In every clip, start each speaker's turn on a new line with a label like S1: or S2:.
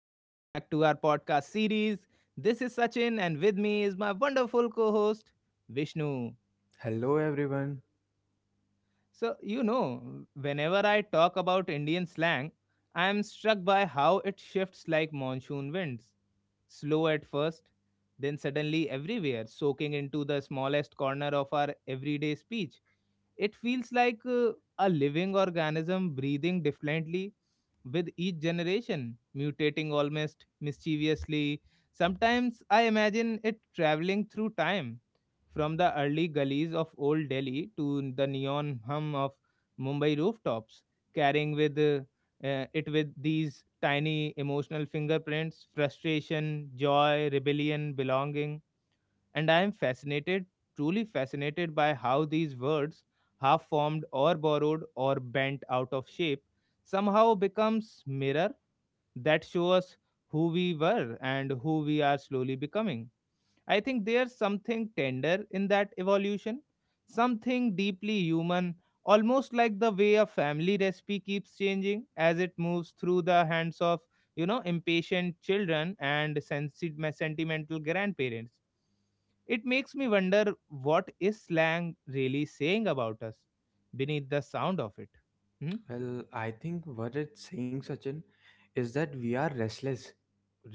S1: Welcome back to our podcast series. This is Sachin, and with me is my wonderful co host, Vishnu.
S2: Hello everyone.
S1: So, whenever I talk about Indian slang, I am struck by how it shifts like monsoon winds. Slow at first, then suddenly everywhere, soaking into the smallest corner of our everyday speech. It feels like a living organism breathing differently with each generation, mutating almost mischievously. Sometimes I imagine it traveling through time from the early gullies of old Delhi to the neon hum of Mumbai rooftops, carrying with it with these tiny emotional fingerprints, frustration, joy, rebellion, belonging. And I am fascinated, truly fascinated by how these words, half formed or borrowed or bent out of shape, somehow becomes mirror that show us who we were and who we are slowly becoming. I think there's something tender in that evolution, something deeply human, almost like the way a family recipe keeps changing as it moves through the hands of, you know, impatient children and sentimental grandparents. It makes me wonder what is slang really saying about us beneath the sound of it. Hmm?
S2: Well, I think what it's saying, Sachin, is that we are restless,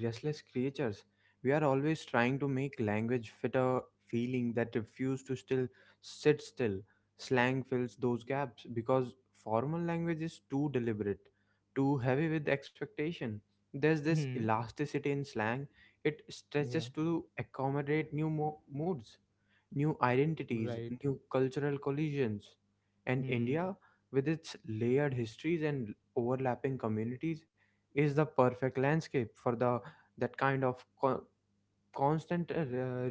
S2: restless creatures. We are always trying to make language fit a feeling that refuse to still sit still. Slang fills those gaps because formal language is too deliberate, too heavy with expectation. There's this
S1: Hmm.
S2: elasticity in slang. It
S1: Yeah.
S2: stretches to accommodate new moods, new identities,
S1: Right.
S2: new cultural collisions. And
S1: Hmm.
S2: India, with its layered histories and overlapping communities, is the perfect landscape for the that kind of constant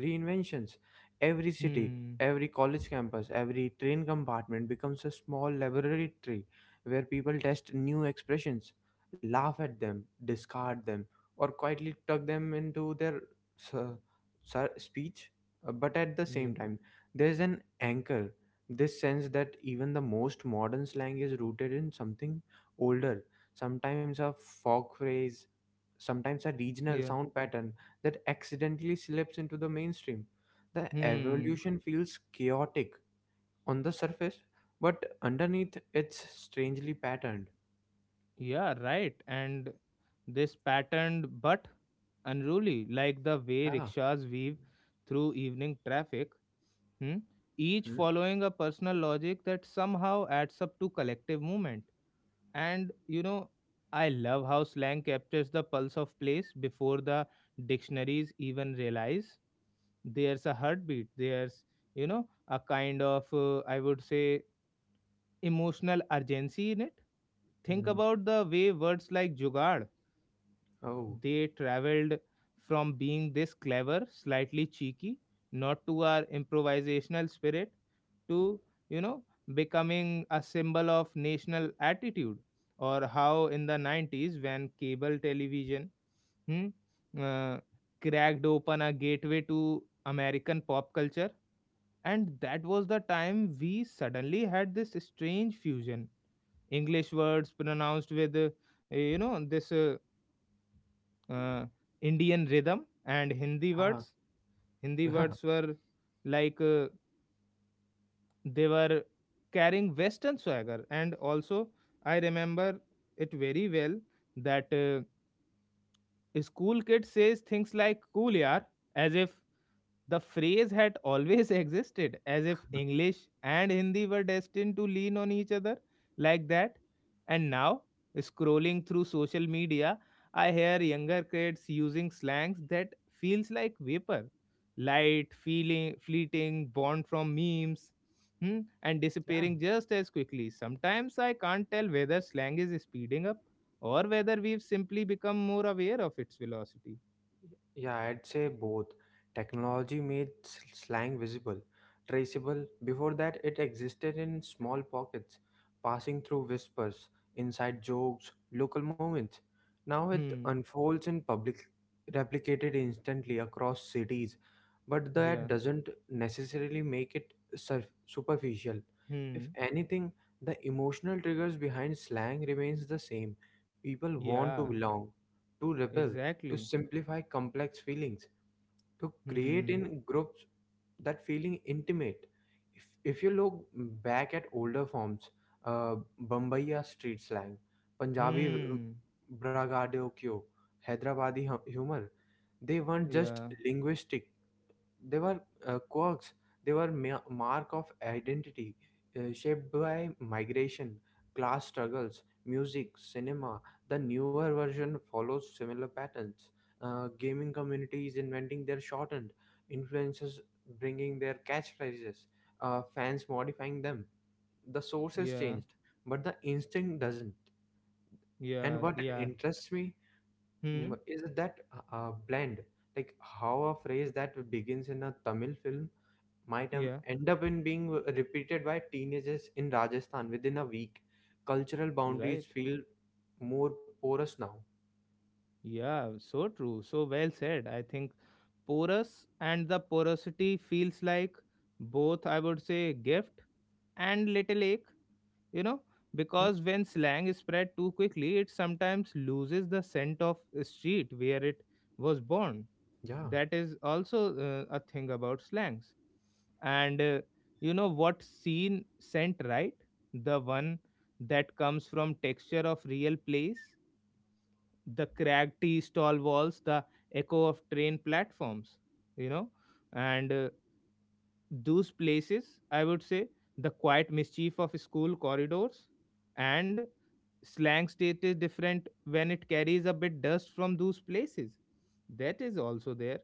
S2: reinventions. Every city,
S1: Hmm.
S2: every college campus, every train compartment becomes a small laboratory where people test new expressions, laugh at them, discard them, or quietly tuck them into their su- speech. But at the
S1: Yeah.
S2: same time, there's an anchor, this sense that even the most modern slang is rooted in something older, sometimes a folk phrase, sometimes a regional
S1: Yeah.
S2: sound pattern that accidentally slips into the mainstream. The
S1: Hmm.
S2: evolution feels chaotic on the surface, but underneath it's strangely patterned.
S1: Yeah, right. And this patterned but unruly, like the way
S2: Yeah.
S1: rickshaws weave through evening traffic, hmm, each
S2: Hmm?
S1: following a personal logic that somehow adds up to collective movement. And you know, I love how slang captures the pulse of place before the dictionaries even realize there's a heartbeat. There's, a kind of, I would say, emotional urgency in it. Think
S2: Hmm.
S1: about the way words like jugaad,
S2: Oh.
S1: they traveled from being this clever, slightly cheeky, not to our improvisational spirit, to, you know, becoming a symbol of national attitude. Or how in the 90s, when cable television, hmm, uh, cracked open a gateway to American pop culture. And that was the time we suddenly had this strange fusion, English words pronounced with, this, uh, Indian rhythm and hindi
S2: Yeah.
S1: words hindi words were like, they were carrying western swagger. And also I remember it very well that, school kid says things like cool yaar, as if the phrase had always existed, as if English and Hindi were destined to lean on each other like that. And now, scrolling through social media, I hear younger kids using slangs that feels like vapor, light, feeling, fleeting, born from memes, hmm, and
S2: Yeah. Yeah.
S1: disappearing just as quickly. Sometimes I can't tell whether slang is speeding up or whether we've simply become more aware of its velocity.
S2: Yeah, I'd say both. Technology made slang visible, traceable. Before that, it existed in small pockets, passing through whispers, inside jokes, local moments. Now it
S1: Hmm.
S2: unfolds in public, replicated instantly across cities. But that
S1: Yeah.
S2: doesn't necessarily make it superficial. If
S1: Hmm.
S2: anything, the emotional triggers behind slang remains the same. People want to
S1: Yeah.
S2: belong, to rebel, to
S1: Exactly.
S2: simplify complex feelings, to create
S1: Hmm.
S2: in groups that feeling intimate. If you look back at older forms, uh, Bombaya street slang, Punjabi
S1: Hmm.
S2: braggadocio, Hyderabadi humor, they weren't just
S1: Yeah.
S2: linguistic, they were quirks. They were mark of identity, shaped by migration, class struggles, music, cinema. The newer version follows similar patterns. Gaming communities inventing their shortened, influencers bringing their catchphrases, fans modifying them. The source has
S1: Yeah.
S2: changed, but the instinct doesn't. And
S1: Yeah.
S2: what
S1: Yeah.
S2: interests me
S1: Hmm.
S2: mm, is that blend, like how a phrase that begins in a Tamil film might
S1: Yeah.
S2: end up in being repeated by teenagers in Rajasthan within a week. Cultural boundaries
S1: Right.
S2: feel more porous now.
S1: Yeah. So true. So well said. I think porous and the porosity feels like both, I would say, gift and little ache, you know,
S2: Hmm?
S1: because when slang spread too quickly it sometimes loses the scent of street where it was born.
S2: Yeah.
S1: That is also, a thing about slangs, and you know, what scene, scent, right? The one that comes from texture of real place, the cracked tea stall walls, the echo of train platforms, you know, and those places, I would say, the quiet mischief of school corridors. And slang state is different when it carries a bit dust from those places. That is also there.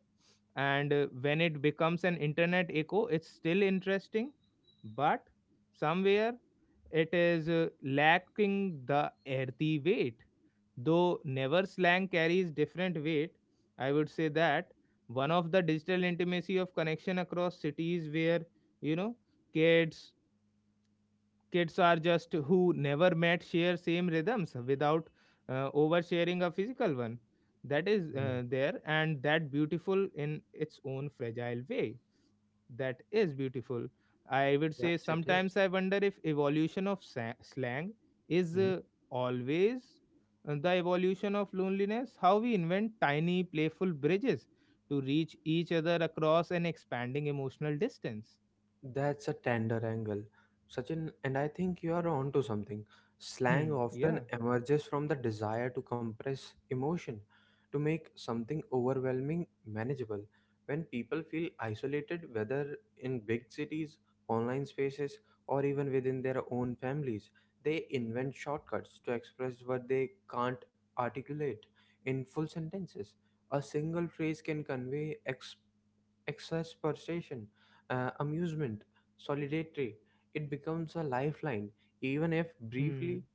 S1: And when it becomes an internet echo, it's still interesting, but somewhere it is, lacking the earthy weight. Though never, slang carries different weight, I would say, that one of the digital intimacy of connection across cities where, you know, kids kids are just who never met share same rhythms without, oversharing a physical one. That is,
S2: Hmm.
S1: there, and that beautiful in its own fragile way. That is beautiful, I would say.
S2: Yes, it is.
S1: Sometimes I wonder if evolution of slang is, always, the evolution of loneliness, how we invent tiny playful bridges to reach each other across an expanding emotional distance.
S2: That's a tender angle, Sachin, and I think you are onto something. Slang
S1: Hmm,
S2: often
S1: yeah,
S2: emerges from the desire to compress emotion, to make something overwhelming manageable. When people feel isolated, whether in big cities, online spaces, or even within their own families, they invent shortcuts to express what they can't articulate in full sentences. A single phrase can convey excess persuasion, amusement, solidarity. It becomes a lifeline, even if briefly.
S1: hmm,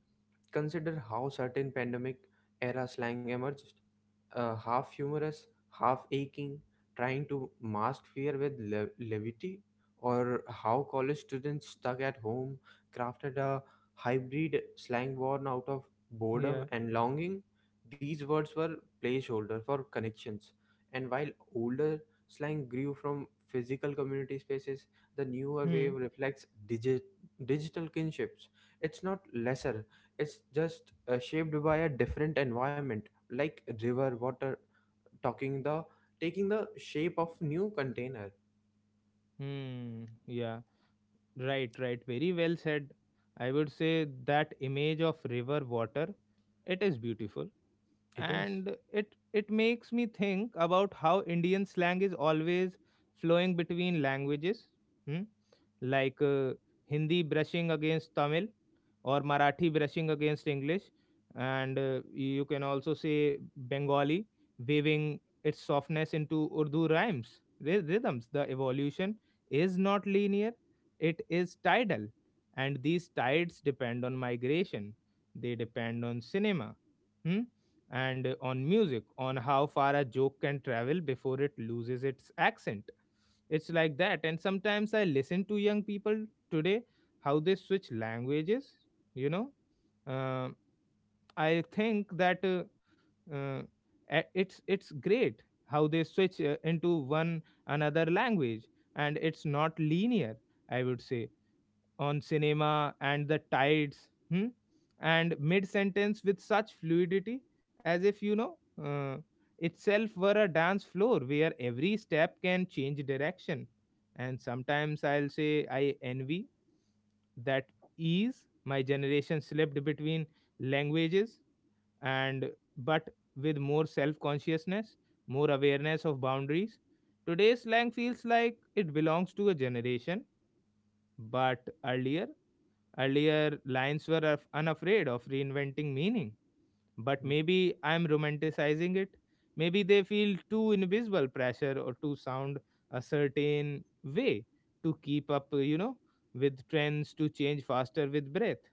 S2: Consider how certain pandemic era slang emerged, half humorous, half aching, trying to mask fear with levity, or how college students stuck at home crafted a hybrid slang born out of boredom
S1: yeah,
S2: and longing. These words were placeholder for connections, and while older slang grew from physical community spaces, the newer
S1: hmm.
S2: wave reflects digital kinships. It's not lesser, it's just shaped by a different environment, like river water talking the taking the shape of new container.
S1: Hmm. Yeah. Right. Right. Very well said. I would say that image of river water, it is beautiful,
S2: It is.
S1: and it makes me think about how Indian slang is always flowing between languages. Hmm? Like, Hindi brushing against Tamil, or Marathi brushing against English, and you can also say Bengali weaving its softness into Urdu rhymes, rhythms. The evolution is not linear, it is tidal, and these tides depend on migration, they depend on cinema, hmm, and on music, on how far a joke can travel before it loses its accent. It's like that. And sometimes I listen to young people today, how they switch languages, you know. Uh, I think that, uh, it's great how they switch, into one another language, and it's not linear. I would say on cinema and the tides, hmm? And mid sentence with such fluidity, as if, you know, uh, itself were a dance floor where every step can change direction. And sometimes I'll say I envy that ease my generation slipped between languages, and but with more self consciousness, more awareness of boundaries, today's slang feels like it belongs to a generation. But earlier. Earlier, lions were unafraid of reinventing meaning, but maybe I'm romanticizing it. Maybe they feel too invisible pressure or to sound a certain way to keep up, you know, with trends to change faster with breath.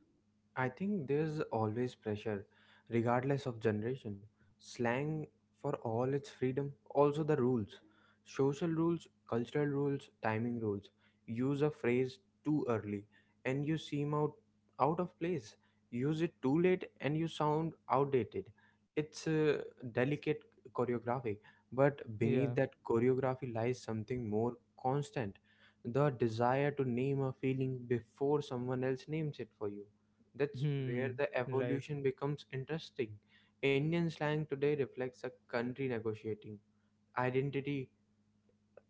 S2: I think there's always pressure, regardless of generation. Slang, for all its freedom, also the rules: social rules, cultural rules, timing rules. Use a phrase too early and you seem out of place. Use it too late and you sound outdated. It's delicate choreography, but beneath
S1: Yeah.
S2: that choreography lies something more constant: the desire to name a feeling before someone else names it for you. That's
S1: Hmm.
S2: where the
S1: Right.
S2: evolution becomes interesting. Indian slang today reflects a country negotiating identity,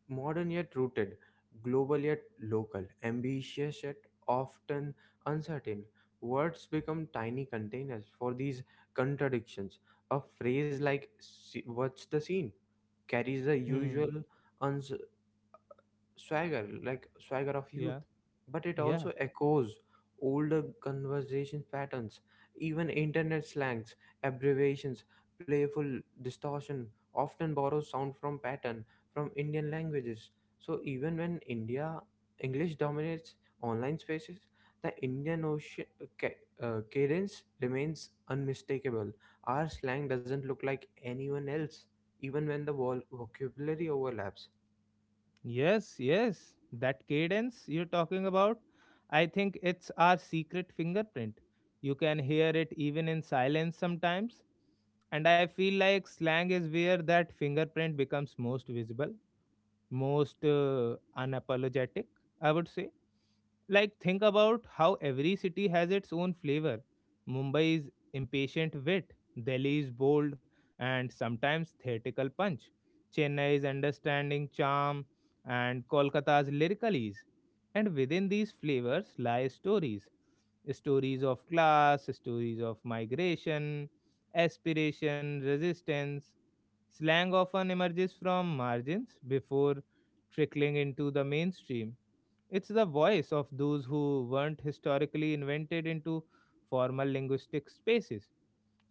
S2: modern yet rooted, global yet local, ambitious yet often uncertain. Words become tiny containers for these contradictions. A phrase like "What's the scene?" carries the
S1: Hmm.
S2: usual swagger, like swagger of youth,
S1: Yeah.
S2: but it also
S1: Yeah.
S2: echoes older conversation patterns, even internet slangs, abbreviations, playful distortion often borrows sound from pattern from Indian languages. So even when India English dominates online spaces, the Indian Ocean cadence remains unmistakable. Our slang doesn't look like anyone else, even when the vocabulary overlaps.
S1: Yes, yes. That cadence you're talking about, I think it's our secret fingerprint. You can hear it even in silence sometimes. And I feel like slang is where that fingerprint becomes most visible, most, unapologetic, I would say. Like, think about how every city has its own flavor. Mumbai is impatient wit, Delhi is bold and sometimes theatrical punch, Chennai is understanding charm, and Kolkata's lyrical ease. And within these flavors lie stories, stories of class, stories of migration, aspiration, resistance. Slang often emerges from margins before trickling into the mainstream. It's the voice of those who weren't historically invented into formal linguistic spaces.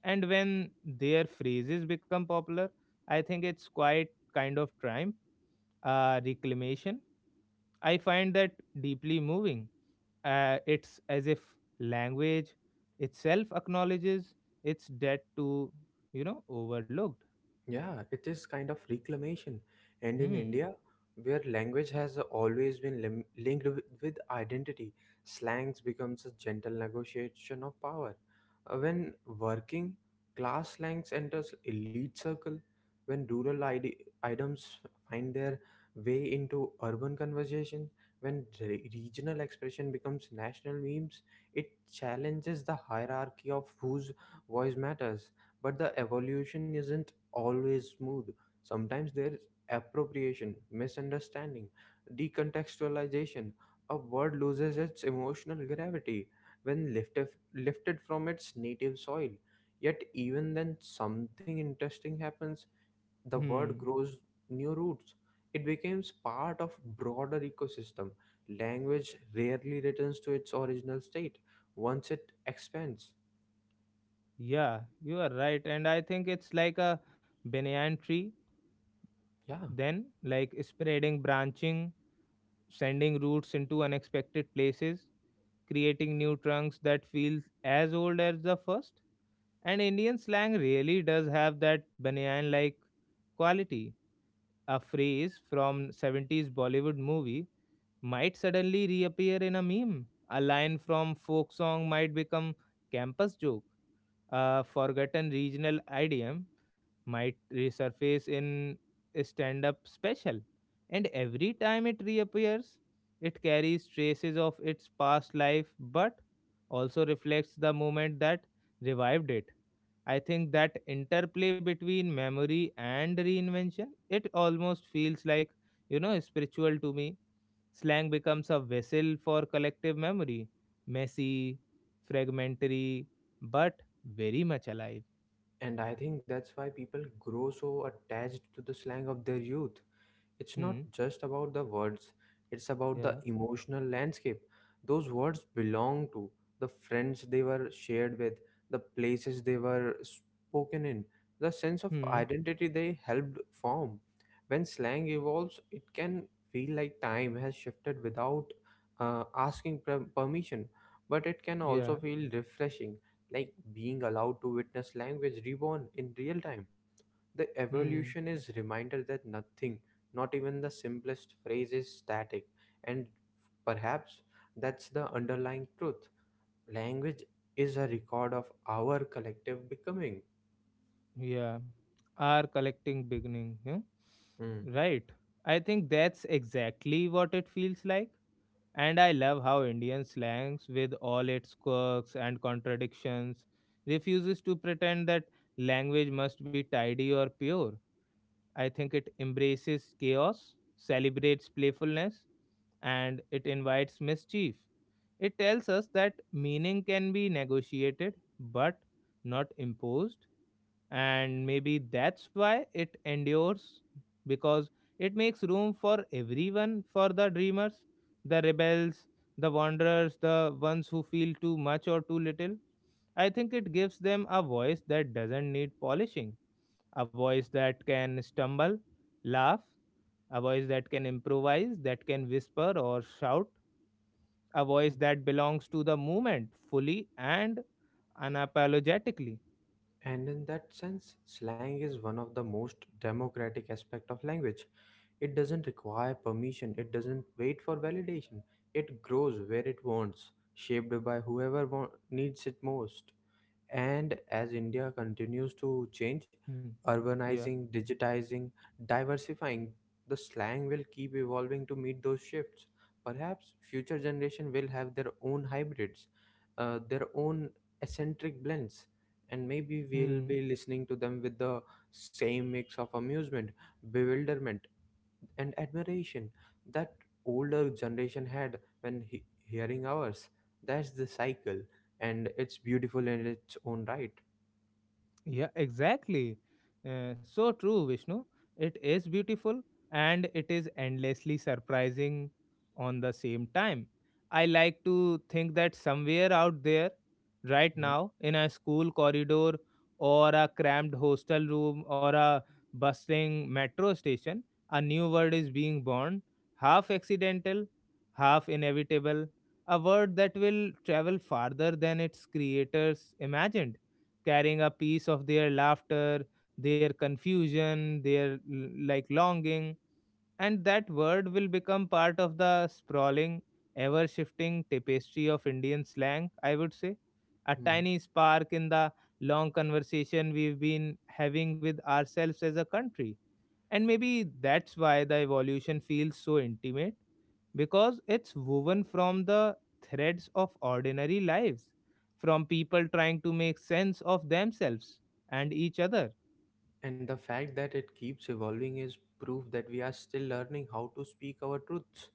S1: And when their phrases become popular, I think it's quite kind of triumph, reclamation. I find that deeply moving. It's as if language itself acknowledges its debt to, you know, overlooked.
S2: Yeah, it is kind of reclamation. And in
S1: Hmm.
S2: India, where language has always been linked with identity, slangs becomes a gentle negotiation of power. When working class slangs enters elite circle, when rural items find their way into urban conversation, when regional expression becomes national memes, it challenges the hierarchy of whose voice matters. But the evolution isn't always smooth. Sometimes there's appropriation, misunderstanding, decontextualization. A word loses its emotional gravity when lifted from its native soil. Yet, even then, something interesting happens. The word
S1: Hmm.
S2: grows new roots. It becomes part of broader ecosystem. Language rarely returns to its original state once it expands.
S1: Yeah, you are right. And I think it's like a banyan tree,
S2: Yeah.
S1: then, like spreading, branching, sending roots into unexpected places, creating new trunks that feel as old as the first. And Indian slang really does have that banyan like quality. A phrase from 70s Bollywood movie might suddenly reappear in a meme. A line from folk song might become campus joke. A forgotten regional idiom might resurface in a stand up special, and every time it reappears, it carries traces of its past life but also reflects the moment that revived it. I think that interplay between memory and reinvention, it almost feels like, you know, spiritual to me. Slang becomes a vessel for collective memory, messy, fragmentary, but very much alive.
S2: And I think that's why people grow so attached to the slang of their youth. It's not
S1: Hmm,
S2: just about the words, it's about the
S1: yeah,
S2: emotional landscape those words belong to, the friends they were shared with, the places they were spoken in, the sense of
S1: hmm,
S2: identity they helped form. When slang evolves, it can feel like time has shifted without asking permission, but it can also
S1: yeah,
S2: feel refreshing, like being allowed to witness language reborn in real time. The
S1: hmm,
S2: evolution is reminder that nothing, not even the simplest phrase, is static, and perhaps that's the underlying truth. Language is a record of our collective becoming.
S1: yeah. Our collecting beginning, yeah?
S2: Mm.
S1: Right. I think that's exactly what it feels like. And I love how Indian slangs, with all its quirks and contradictions, refuses to pretend that language must be tidy or pure. I think it embraces chaos, celebrates playfulness, and it invites mischief. It tells us that meaning can be negotiated but not imposed, and maybe that's why it endures, because it makes room for everyone, for the dreamers, the rebels, the wanderers, the ones who feel too much or too little. I think it gives them a voice that doesn't need polishing, a voice that can stumble, laugh, a voice that can improvise, that can whisper or shout, a voice that belongs to the moment fully and unapologetically.
S2: And in that sense, slang is one of the most democratic aspect of language. It doesn't require permission, it doesn't wait for validation. It grows where it wants, shaped by whoever needs it most. And as India continues to change,
S1: Hmm. Yeah.
S2: urbanizing, digitizing, diversifying, the slang will keep evolving to meet those shifts. Perhaps future generation will have their own hybrids, their own eccentric blends, and maybe we'll
S1: Hmm.
S2: be listening to them with the same mix of amusement, bewilderment, and admiration that older generation had when hearing ours. That's the cycle, and it's beautiful in its own right.
S1: Yeah, exactly. So true, Vishnu. It is beautiful and it is endlessly surprising on the same time. I like to think that somewhere out there, right now, in a school corridor or a cramped hostel room or a bustling metro station, a new word is being born, half accidental, half inevitable, a word that will travel farther than its creators imagined, carrying a piece of their laughter, their confusion, their like longing, and that word will become part of the sprawling, ever shifting tapestry of Indian slang, I would say. A
S2: Mhm.
S1: tiny spark in the long conversation we've been having with ourselves as a country. And maybe that's why the evolution feels so intimate, because it's woven from the threads of ordinary lives, from people trying to make sense of themselves and each other.
S2: And the fact that it keeps evolving is proof that we are still learning how to speak our truths,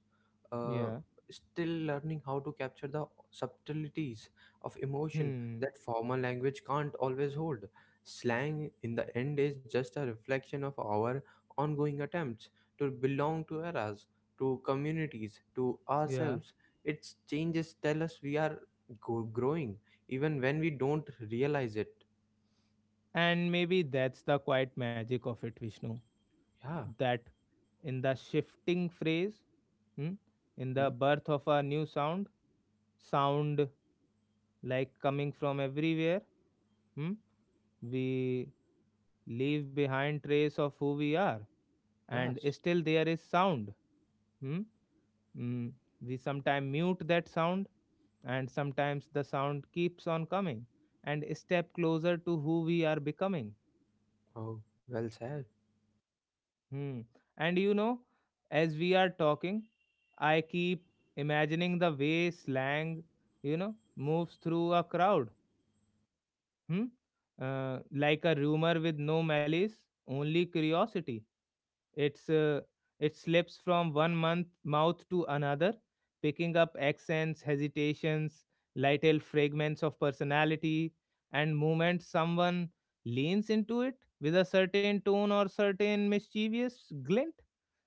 S2: uh,
S1: Yeah.
S2: still learning how to capture the subtleties of emotion
S1: Hmm.
S2: that formal language can't always hold. Slang, in the end, is just a reflection of our ongoing attempts to belong to eras, to communities, to
S1: Yeah.
S2: ourselves. Its changes tell us we are growing, even when we don't realize it.
S1: And maybe that's the quiet magic of it, Vishnu.
S2: Yeah.
S1: That in the shifting phrase, hmm, in the
S2: Hmm?
S1: birth of a new sound, sound like coming from everywhere, hmm, we leave behind trace of who we are, and
S2: Yes.
S1: still there is sound. hmm, Mm, we sometimes mute that sound, and sometimes the sound keeps on coming and a step closer to who we are becoming.
S2: Oh, well said.
S1: Hmm. And as we are talking, I keep imagining the way slang, you know, moves through a crowd. Hmm? Like a rumor with no malice, only curiosity. It's uh, it slips from one month mouth to another, picking up accents, hesitations, little fragments of personality, and moments someone leans into it with a certain tone or certain mischievous glint,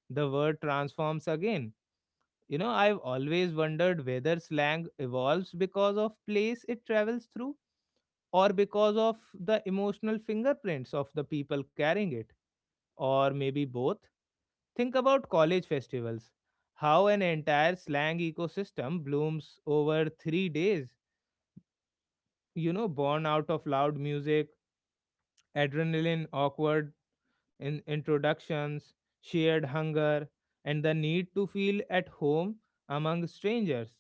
S1: the word transforms again. You know, I've always wondered whether slang evolves because of place it travels through, or because of the emotional fingerprints of the people carrying it, or maybe both. Think about college festivals. How an entire slang ecosystem blooms over 3 days, you know, born out of loud music, adrenaline, awkward introductions, shared hunger, and the need to feel at home among strangers.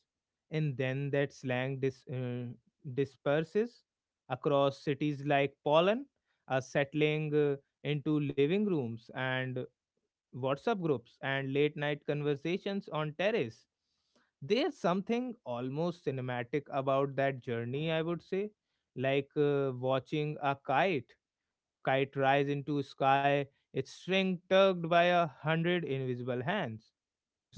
S1: And then that slang disperses across cities like pollen, are settling into living rooms and WhatsApp groups, and late night conversations on terrace. There's something almost cinematic about that journey, I would say, like watching a kite rise into sky, its string tugged by a hundred invisible hands.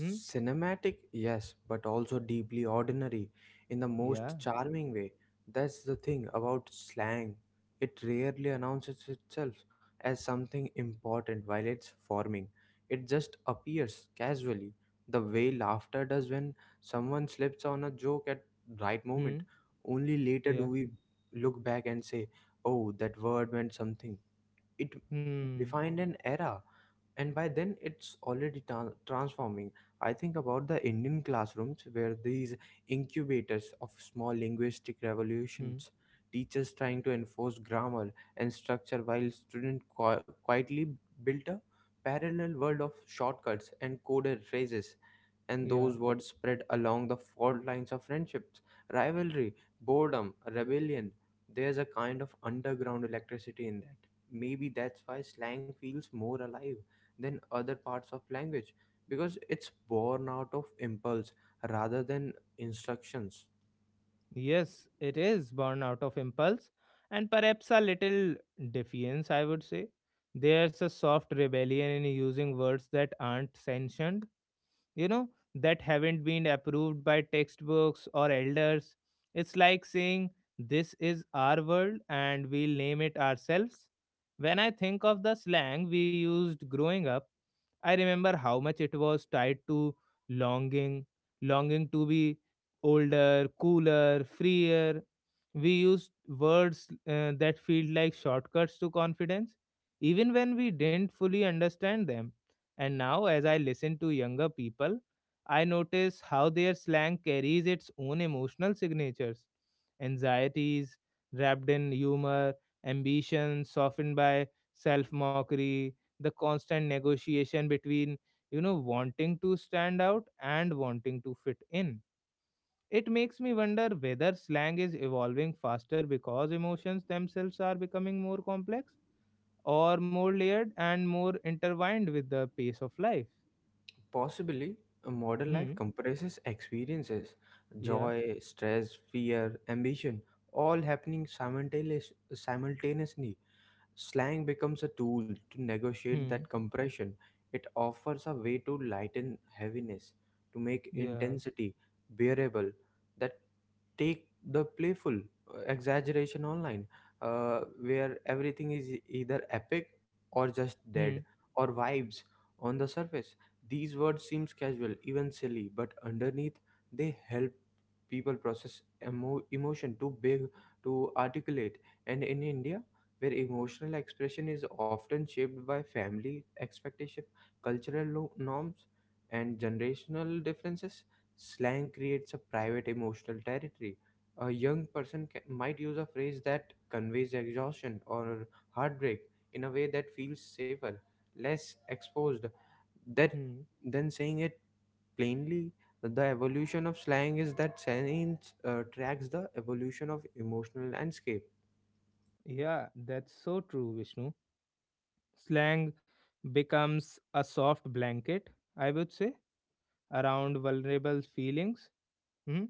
S1: Hmm.
S2: yes, but also deeply ordinary in the most
S1: Yeah.
S2: charming way. That's the thing about slang. It rarely announces itself as something important while it's forming. It just appears casually, the way laughter does when someone slips on a joke at right
S1: Hmm.
S2: moment. Only later do
S1: Yeah.
S2: we look back and say, "Oh, that word meant something." It
S1: Hmm.
S2: defined an era, and by then it's already transforming. I think about the Indian classrooms where these incubators of small linguistic
S1: Hmm.
S2: revolutions, teachers trying to enforce grammar and structure while students quietly built a parallel world of shortcuts and coded phrases, and
S1: Yeah.
S2: those words spread along the fault lines of friendships, rivalry, boredom, rebellion. There's a kind of underground electricity in that. Maybe that's why slang feels more alive than other parts of language because it's born out of impulse rather than instructions.
S1: Yes, it is born out of impulse and perhaps a little defiance, I would say. There's a soft rebellion in using words that aren't sanctioned, you know, that haven't been approved by textbooks or elders. It's like saying, this is our world and we'll name it ourselves. When I think of the slang we used growing up, I remember how much it was tied to longing, longing to be older, cooler, freer. We used words that feel like shortcuts to confidence, even when we didn't fully understand them. And now, as I listen to younger people, I notice how their slang carries its own emotional signatures, anxieties wrapped in humor, ambition softened by self mockery, the constant negotiation between, you know, wanting to stand out and wanting to fit in. It makes me wonder whether slang is evolving faster because emotions themselves are becoming more complex, or more layered and more intertwined with the pace of life.
S2: Possibly, a modern life
S1: Hmm.
S2: compresses experiences,
S1: Yeah.
S2: joy, stress, fear, ambition, all happening simultaneously. Slang becomes a tool to negotiate
S1: Hmm.
S2: that compression. It offers a way to lighten heaviness, to make
S1: Yeah.
S2: intensity bearable. That take the playful exaggeration online, where everything is either epic or just
S1: Hmm.
S2: dead or vibes on the surface. These words seems casual, even silly, but underneath they help people process emotion too big to articulate. And in India, where emotional expression is often shaped by family expectation, cultural norms, and generational differences. Slang creates a private emotional territory. A young person might use a phrase that conveys exhaustion or heartbreak in a way that feels safer, less exposed, that
S1: Hmm.
S2: than saying it plainly. The evolution of slang is that science tracks the evolution of emotional landscape.
S1: Yeah, that's so true, Vishnu. Slang becomes a soft blanket, I would say, around vulnerable feelings. Hmm.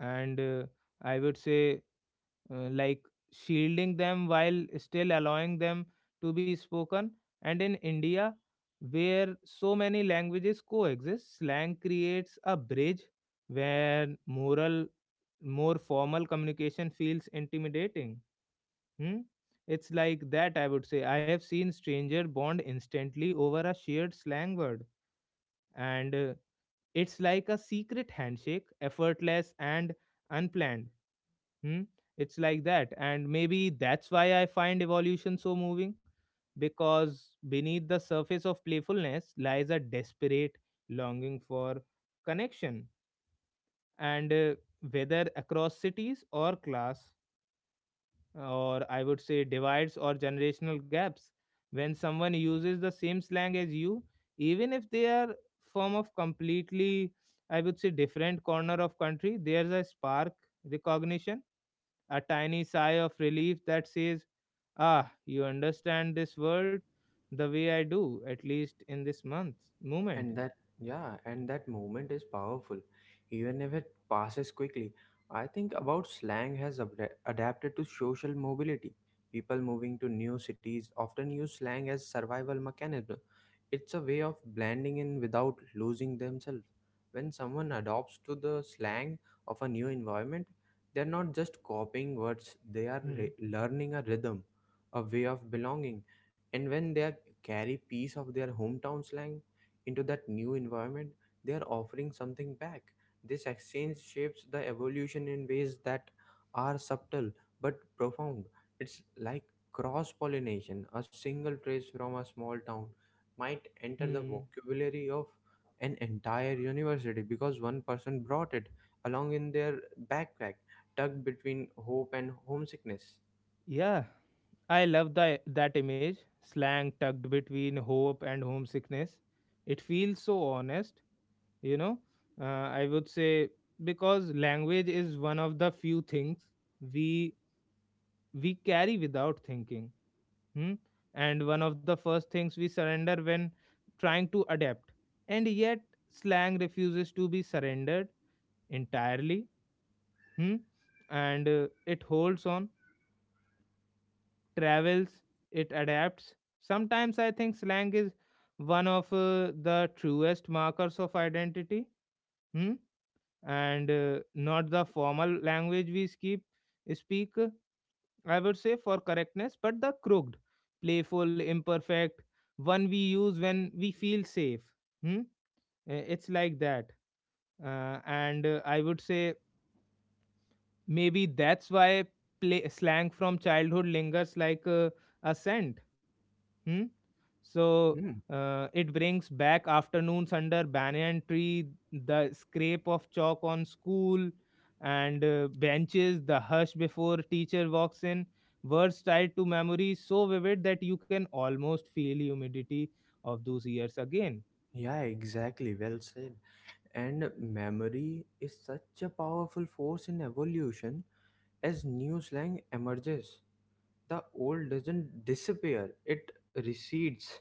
S1: And I would say, like shielding them while still allowing them to be spoken. And in India, where so many languages coexist, slang creates a bridge where moral, more formal communication feels intimidating. Hmm? It's like that, I would say. I have seen stranger bond instantly over a shared slang word, and it's like a secret handshake, effortless and unplanned. Hmm? It's like that. And maybe that's why I find evolution so moving, because beneath the surface of playfulness lies a desperate longing for connection. And whether across cities or class, or I would say divides or generational gaps, when someone uses the same slang as you, even if they are from of completely, I would say, different corner of country, there's a spark recognition, a tiny sigh of relief that says, Ah, you understand this world the way I do, at least in this month moment.
S2: And that, yeah, and that moment is powerful even if it passes quickly. I think about slang has adapted to social mobility. People moving to new cities often use slang as survival mechanism. It's a way of blending in without losing themselves. When someone adopts to the slang of a new environment, they're not just copying words, they are
S1: Hmm.
S2: learning a rhythm, a way of belonging, and when they are- carry piece of their hometown slang into that new environment, they are offering something back. This exchange shapes the evolution in ways that are subtle but profound. It's like cross pollination. A single phrase from a small town might enter the
S1: Hmm.
S2: vocabulary of an entire university because one person brought it along in their backpack, tucked between hope and homesickness.
S1: Yeah, I love the, that image, slang tucked between hope and homesickness. It feels so honest, you know. I would say because language is one of the few things we we carry without thinking. Hmm? And one of the first things we surrender when trying to adapt. And yet slang refuses to be surrendered entirely. Hmm? And it holds on, travels, it adapts. Sometimes I think slang is one of the truest markers of identity. Hmm? And not the formal language we skip, speak, I would say, for correctness, but the crooked, playful, imperfect one we use when we feel safe. Hmm? It's like that. And I would say maybe that's why play, slang from childhood lingers like a scent. Hmm? So
S2: Hmm.
S1: it brings back afternoons under banyan tree, the scrape of chalk on school and benches, the hush before teacher walks in, words tied to memory so vivid that you can almost feel humidity of those years again.
S2: Yeah, exactly. Well said. And memory is such a powerful force in evolution. As new slang emerges, the old doesn't disappear, it recedes,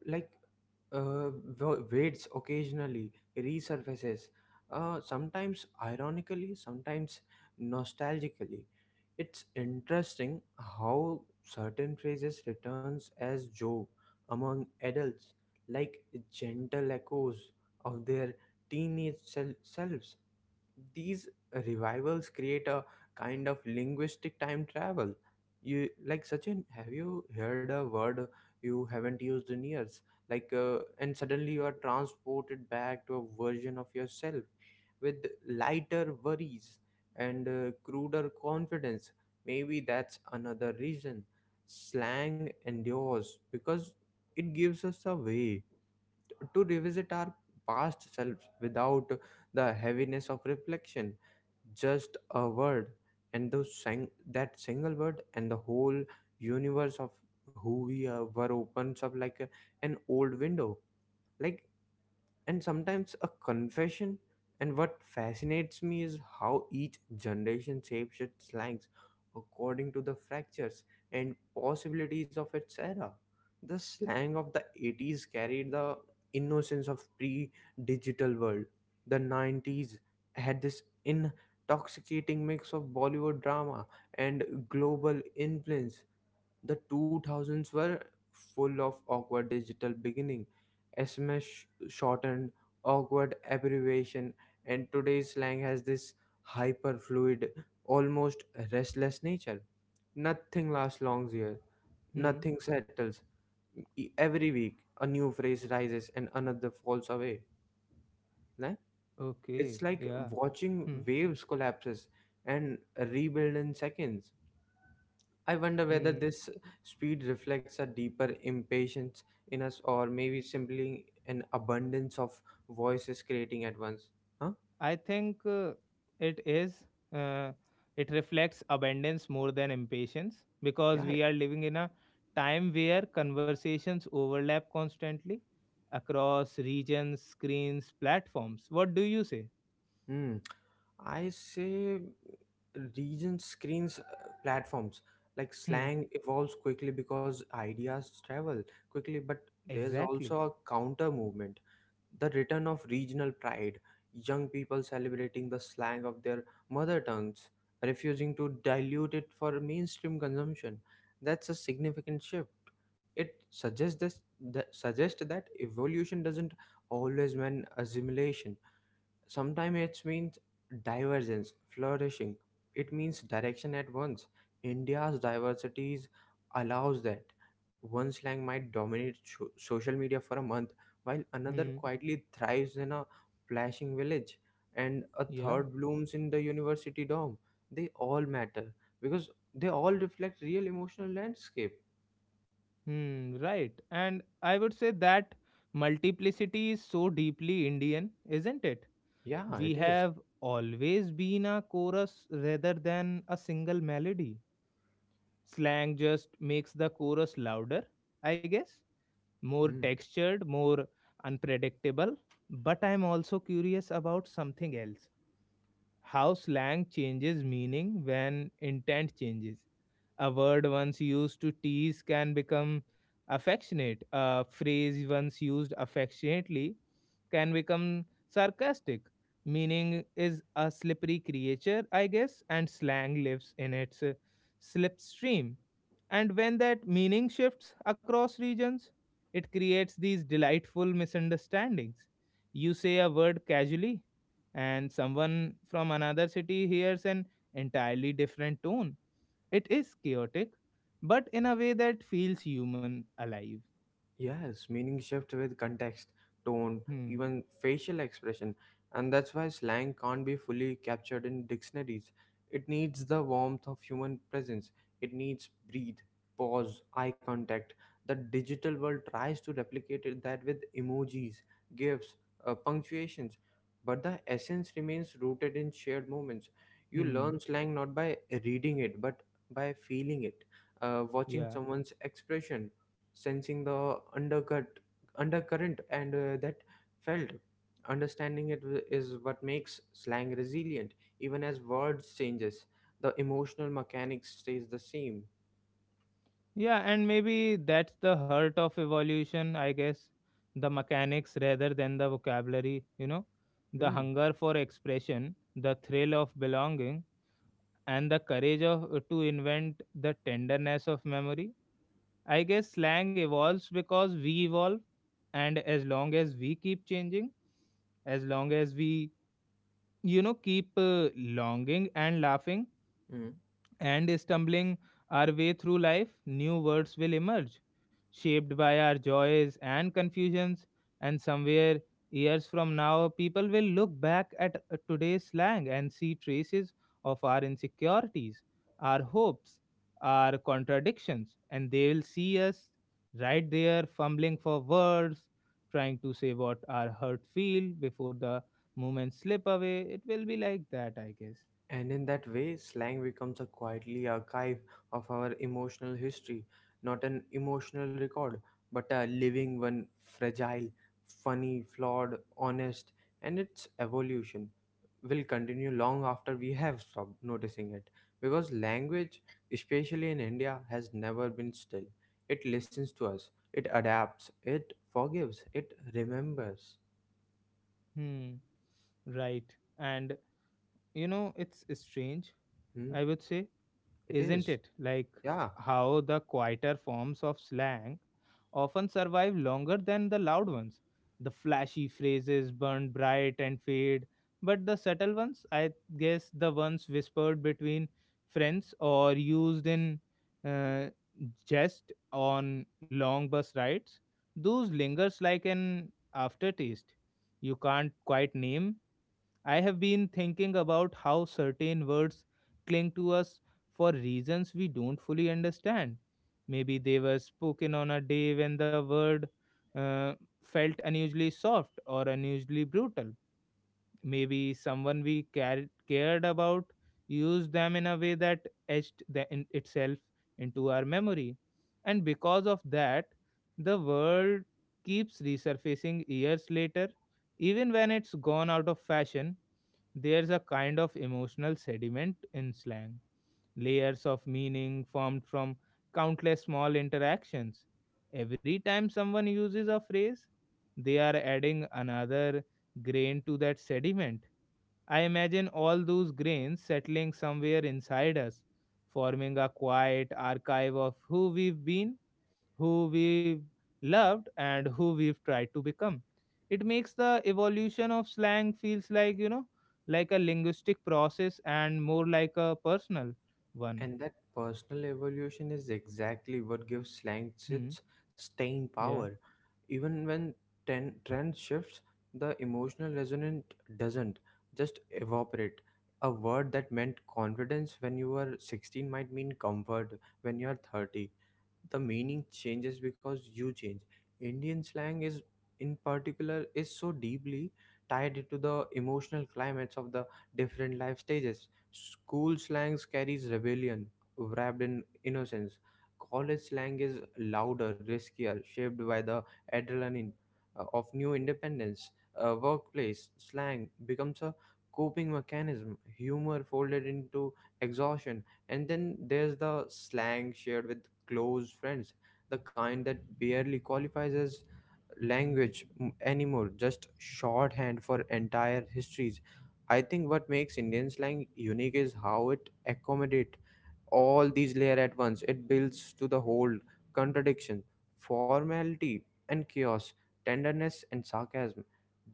S2: like uh, waits occasionally, resurfaces, sometimes ironically, sometimes nostalgically. It's interesting how certain phrases returns as joke among adults, like gentle echoes of their teenage selves. These revivals create a kind of linguistic time travel. You like Sachin, have you heard a word you haven't used in years, and suddenly you are transported back to a version of yourself with lighter worries and cruder confidence? Maybe that's another reason slang endures, because it gives us a way to revisit our past selves without the heaviness of reflection. Just a word, and that single word, and the whole universe of who we were opens up like an old window, like, and sometimes a confession. And what fascinates me is how each generation shapes its slangs according to the fractures and possibilities of its era. The slang of the 80s carried the innocence of pre digital world. The 90s had this intoxicating mix of Bollywood drama and global influence. The 2000s were full of awkward digital beginning, SMS shortened, awkward abbreviation, and today's slang has this hyperfluid, almost restless nature. Nothing lasts long here.
S1: Hmm.
S2: Nothing settles. Every week, a new phrase rises and another falls away. Nah?
S1: Okay.
S2: It's like
S1: Yeah.
S2: watching
S1: Hmm.
S2: waves collapses and rebuild in seconds. I wonder whether
S1: Hmm.
S2: this speed reflects a deeper impatience in us, or maybe simply an abundance of voices creating at once. Huh?
S1: I think it is. Uh, it reflects abundance more than impatience,
S2: Yeah.
S1: because
S2: yeah.
S1: we are living in a time where conversations overlap constantly across regions, screens, platforms. What do you say?
S2: Hmm. I say region screens, platforms. Like
S1: Hmm.
S2: slang evolves quickly because ideas travel quickly, but there's
S1: Exactly.
S2: also a counter movement, the return of regional pride, young people celebrating the slang of their mother tongues, refusing to dilute it for mainstream consumption. That's a significant shift. It suggests that evolution doesn't always mean assimilation. Sometimes it means divergence, flourishing. It means direction at once. India's diversities allows that. One slang might dominate social media for a month, while another
S1: Hmm.
S2: quietly thrives in a flashing village, and a
S1: Yeah.
S2: third blooms in the university dorm. They all matter because they all reflect real emotional landscape.
S1: Hmm. Right. And I would say that multiplicity is so deeply Indian, isn't it?
S2: Yeah,
S1: We
S2: it is.
S1: have always been a chorus rather than a single melody. Slang just makes the chorus louder, I guess, more
S2: Hmm.
S1: textured, more unpredictable. But I'm also curious about something else. How slang changes meaning when intent changes. A word once used to tease can become affectionate. A phrase once used affectionately can become sarcastic. Meaning is a slippery creature, I guess, and slang lives in its slipstream. And when that meaning shifts across regions, it creates these delightful misunderstandings. You say a word casually, and someone from another city hears an entirely different tone. It is chaotic, but in a way that feels human alive.
S2: Yes, meaning shift with context, tone,
S1: Hmm.
S2: even facial expression, and that's why slang can't be fully captured in dictionaries. It needs the warmth of human presence. It needs breathe, pause, eye contact. The digital world tries to replicate it that with emojis, gifs, punctuations, but the essence remains rooted in shared moments. You
S1: Hmm.
S2: learn slang not by reading it, but by feeling it, watching
S1: Yeah.
S2: someone's expression, sensing the undercut undercurrent, and that felt understanding is what makes slang resilient. Even as words changes, the emotional mechanics stays the same.
S1: Yeah, and maybe that's the heart of evolution, I guess. The mechanics rather than the vocabulary, you know, the
S2: Hmm.
S1: hunger for expression, the thrill of belonging, and the courage of to invent, the tenderness of memory. I guess slang evolves because we evolve, and as long as we keep changing, as long as we, you know, keep longing and laughing and stumbling our way through life, new words will emerge, shaped by our joys and confusions. And somewhere, years from now, people will look back at today's slang and see traces of our insecurities, our hopes, our contradictions, and they will see us right there fumbling for words, trying to say what our hurt feel before the moments slip away. It will be like that, I guess.
S2: And in that way, slang becomes a quietly archive of our emotional history, not an emotional record, but a living one, fragile, funny, flawed, honest, and its evolution will continue long after we have stopped noticing it. Because language, especially in India, has never been still. It listens to us, it adapts, it forgives, it remembers.
S1: Hmm. Right. And you know, it's strange,
S2: Hmm?
S1: I would say,
S2: It
S1: isn't
S2: is.
S1: it? Like
S2: Yeah.
S1: how the quieter forms of slang often survive longer than the loud ones. The flashy phrases burn bright and fade, but the subtle ones, I guess, the ones whispered between friends or used in uh, jest on long bus rides, those lingers like an aftertaste. You can't quite name. I have been thinking about how certain words cling to us for reasons we don't fully understand. Maybe they were spoken on a day when the word uh, felt unusually soft or unusually brutal. Maybe someone we cared about used them in a way that etched the, in itself into our memory. And because of that the world keeps resurfacing years later, even when it's gone out of fashion. There's a kind of emotional sediment in slang, layers of meaning formed from countless small interactions. Every time someone uses a phrase, they are adding another grain to that sediment. I imagine all those grains settling somewhere inside us, forming a quiet archive of who we've been, who we've loved, and who we've tried to become. It makes the evolution of slang feels like, you know, like a linguistic process and more like a personal one.
S2: And that personal evolution is exactly what gives slang
S1: Hmm.
S2: its staying
S1: Yeah.
S2: power. Even when trend shifts, the emotional resonance doesn't just evaporate. A word that meant confidence when you were 16 might mean comfort when you're 30. The meaning changes because you change. Indian slang is in particular is so deeply tied to the emotional climates of the different life stages. School slangs carries rebellion wrapped in innocence. College slang is louder, riskier, shaped by the adrenaline of new independence. Workplace slang becomes a coping mechanism, humor folded into exhaustion, and then there's the slang shared with close friends, the kind that barely qualifies as anymore, just shorthand for entire histories. I think what makes Indian slang unique is how it accommodates all these layer at once. It builds to the whole contradiction, formality and chaos, tenderness and sarcasm,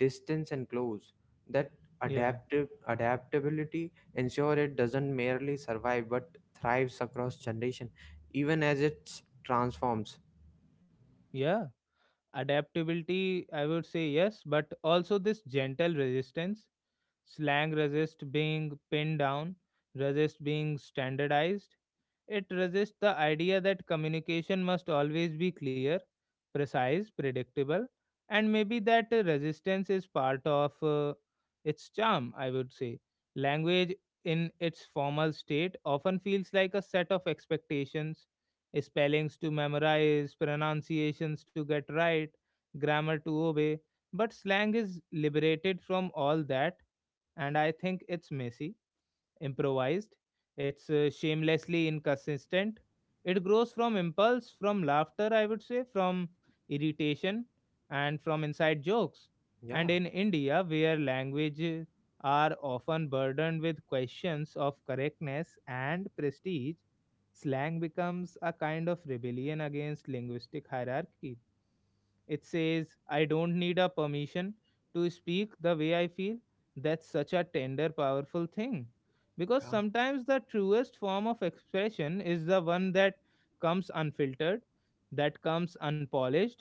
S2: distance and close. That
S1: Yeah.
S2: adaptive adaptability ensure it doesn't merely survive but thrives across generation, even as it transforms.
S1: Yeah. Adaptability, I would say, yes, but also this gentle resistance. Slang resist being pinned down, resist being standardized. It resists the idea that communication must always be clear, precise, predictable, and maybe that resistance is part of its charm, I would say. Language in its formal state often feels like a set of expectations, spellings to memorize, pronunciations to get right, grammar to obey. But slang is liberated from all that, and I think it's messy, improvised. It's shamelessly inconsistent. It grows from impulse, from laughter, I would say, from irritation, and from inside jokes. And
S2: Yeah,
S1: in India, where languages are often burdened with questions of correctness and prestige, slang becomes a kind of rebellion against linguistic hierarchy. It says, I don't need a permission to speak the way I feel. That's such a tender, powerful thing, because
S2: yeah.
S1: sometimes the truest form of expression is the one that comes unfiltered, that comes unpolished,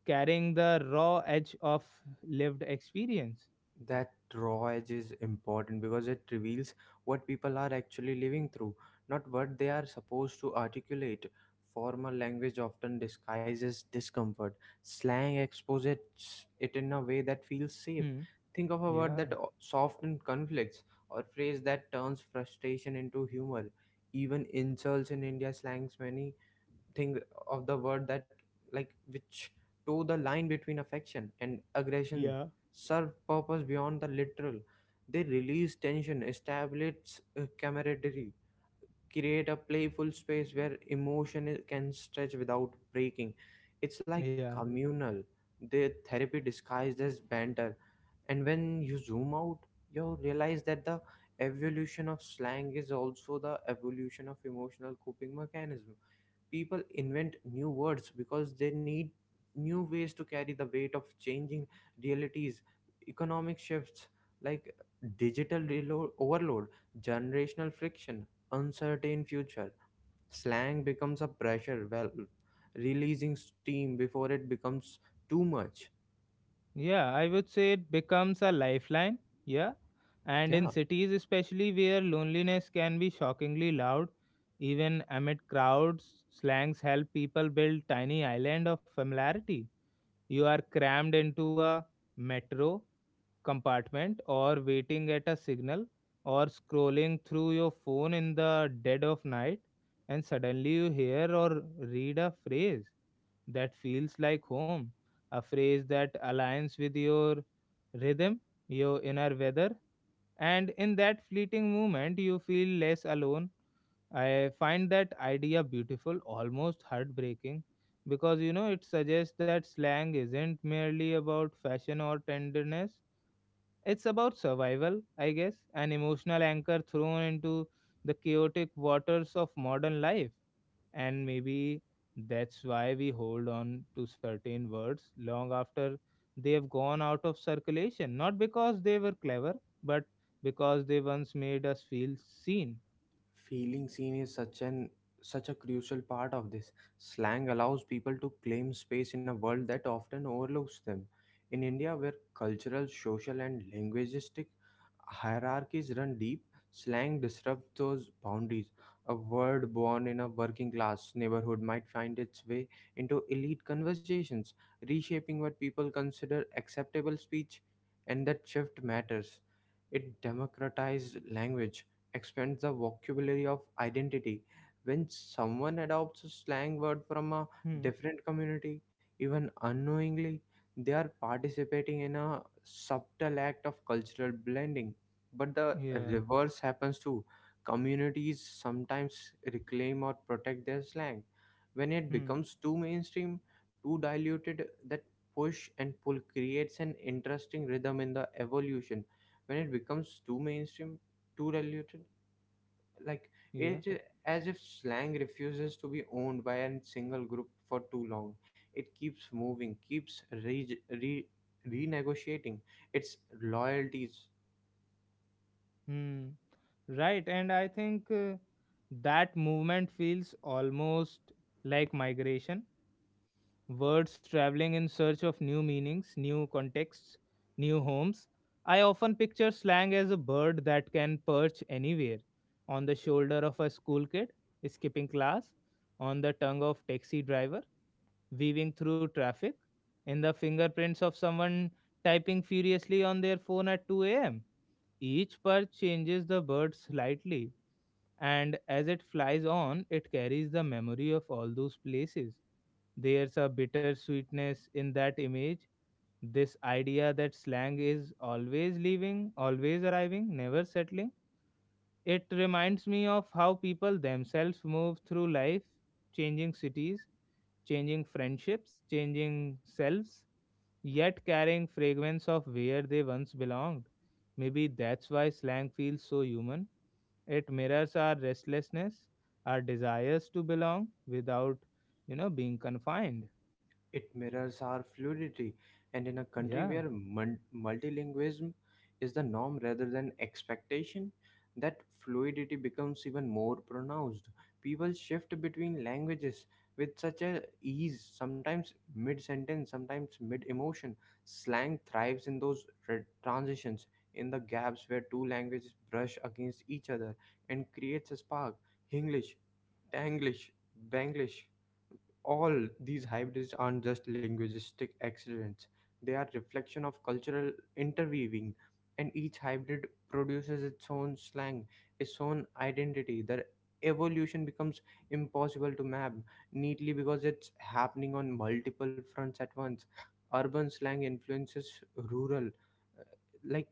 S1: carrying the raw edge of lived experience.
S2: That raw edge is important because it reveals what people are actually living through, not what they are supposed to articulate. Formal language often disguises discomfort. Slang exposes it in a way that feels safe.
S1: Hmm.
S2: Think of a word
S1: Yeah.
S2: that softens conflicts or phrase that turns frustration into humor. Even insults in India slangs many thing of the word that like which toe the line between affection and aggression
S1: Yeah.
S2: serve purpose beyond the literal. They release tension, establish camaraderie, create a playful space where emotion can stretch without breaking. It's like
S1: Yeah.
S2: communal their therapy disguised as banter, and when you zoom out, you realize that the evolution of slang is also the evolution of emotional coping mechanism. People invent new words because they need new ways to carry the weight of changing realities, economic shifts, like digital overload, generational friction, uncertain future. Slang becomes a pressure valve, releasing steam before it becomes too much.
S1: Yeah, I would say it becomes a lifeline. Yeah. And in
S2: Yeah.
S1: cities, especially where loneliness can be shockingly loud, even amid crowds, slangs help people build tiny island of familiarity. You are crammed into a metro compartment or waiting at a signal or scrolling through your phone in the dead of night, and suddenly you hear or read a phrase that feels like home, a phrase that aligns with your rhythm, your inner weather, and in that fleeting moment, you feel less alone. I find that idea beautiful, almost heartbreaking, because you know it suggests that slang isn't merely about fashion or tenderness, it's about survival, I guess, an emotional anchor thrown into the chaotic waters of modern life. And maybe that's why we hold on to certain words long after they have gone out of circulation, not because they were clever, but because they once made us feel seen.
S2: Feeling seen is such an such a crucial part of this. Slang allows people to claim space in a world that often overlooks them. In India, where cultural, social, and linguistic hierarchies run deep, slang disrupts those boundaries. A word born in a working class neighborhood might find its way into elite conversations, reshaping what people consider acceptable speech, and that shift matters. It democratized language expands the vocabulary of identity. When someone adopts a slang word from a
S1: Hmm.
S2: different community, even unknowingly, they are participating in a subtle act of cultural blending. But the
S1: Yeah.
S2: reverse happens too. Communities sometimes reclaim or protect their slang. When it
S1: Hmm.
S2: becomes too mainstream, too diluted, that push and pull creates an interesting rhythm in the evolution when it becomes too mainstream, too diluted, like,
S1: Yeah.
S2: it as if slang refuses to be owned by a single group for too long. It keeps moving, keeps renegotiating its loyalties.
S1: Hmm. Right. And I think that movement feels almost like migration words traveling in search of new meanings, new contexts, new homes. I often picture slang as a bird that can perch anywhere on the shoulder of a school kid, skipping class, on the tongue of taxi driver, weaving through traffic, in the fingerprints of someone typing furiously on their phone at 2 a.m. Each perch changes the bird slightly, and as it flies on, it carries the memory of all those places. There's a bitter sweetness in that image. This idea that slang is always leaving, always arriving, never settling. It reminds me of how people themselves move through life, changing cities, changing friendships, changing selves yet carrying fragments of where they once belonged. Maybe that's why slang feels so human. It mirrors our restlessness, our desires to belong without, being confined.
S2: It mirrors our fluidity, and in a country
S1: Yeah.
S2: where multilingualism is the norm rather than expectation, that fluidity becomes even more pronounced. People shift between languages with such a ease, sometimes mid sentence, sometimes mid emotion. Slang thrives in those transitions, in the gaps where two languages brush against each other and creates a spark. English, Tanglish, Banglish, all these hybrids aren't just linguistic accidents, they are reflection of cultural interweaving, and each hybrid produces its own slang, its own identity. Their evolution becomes impossible to map neatly because it's happening on multiple fronts at once. Urban slang influences rural, like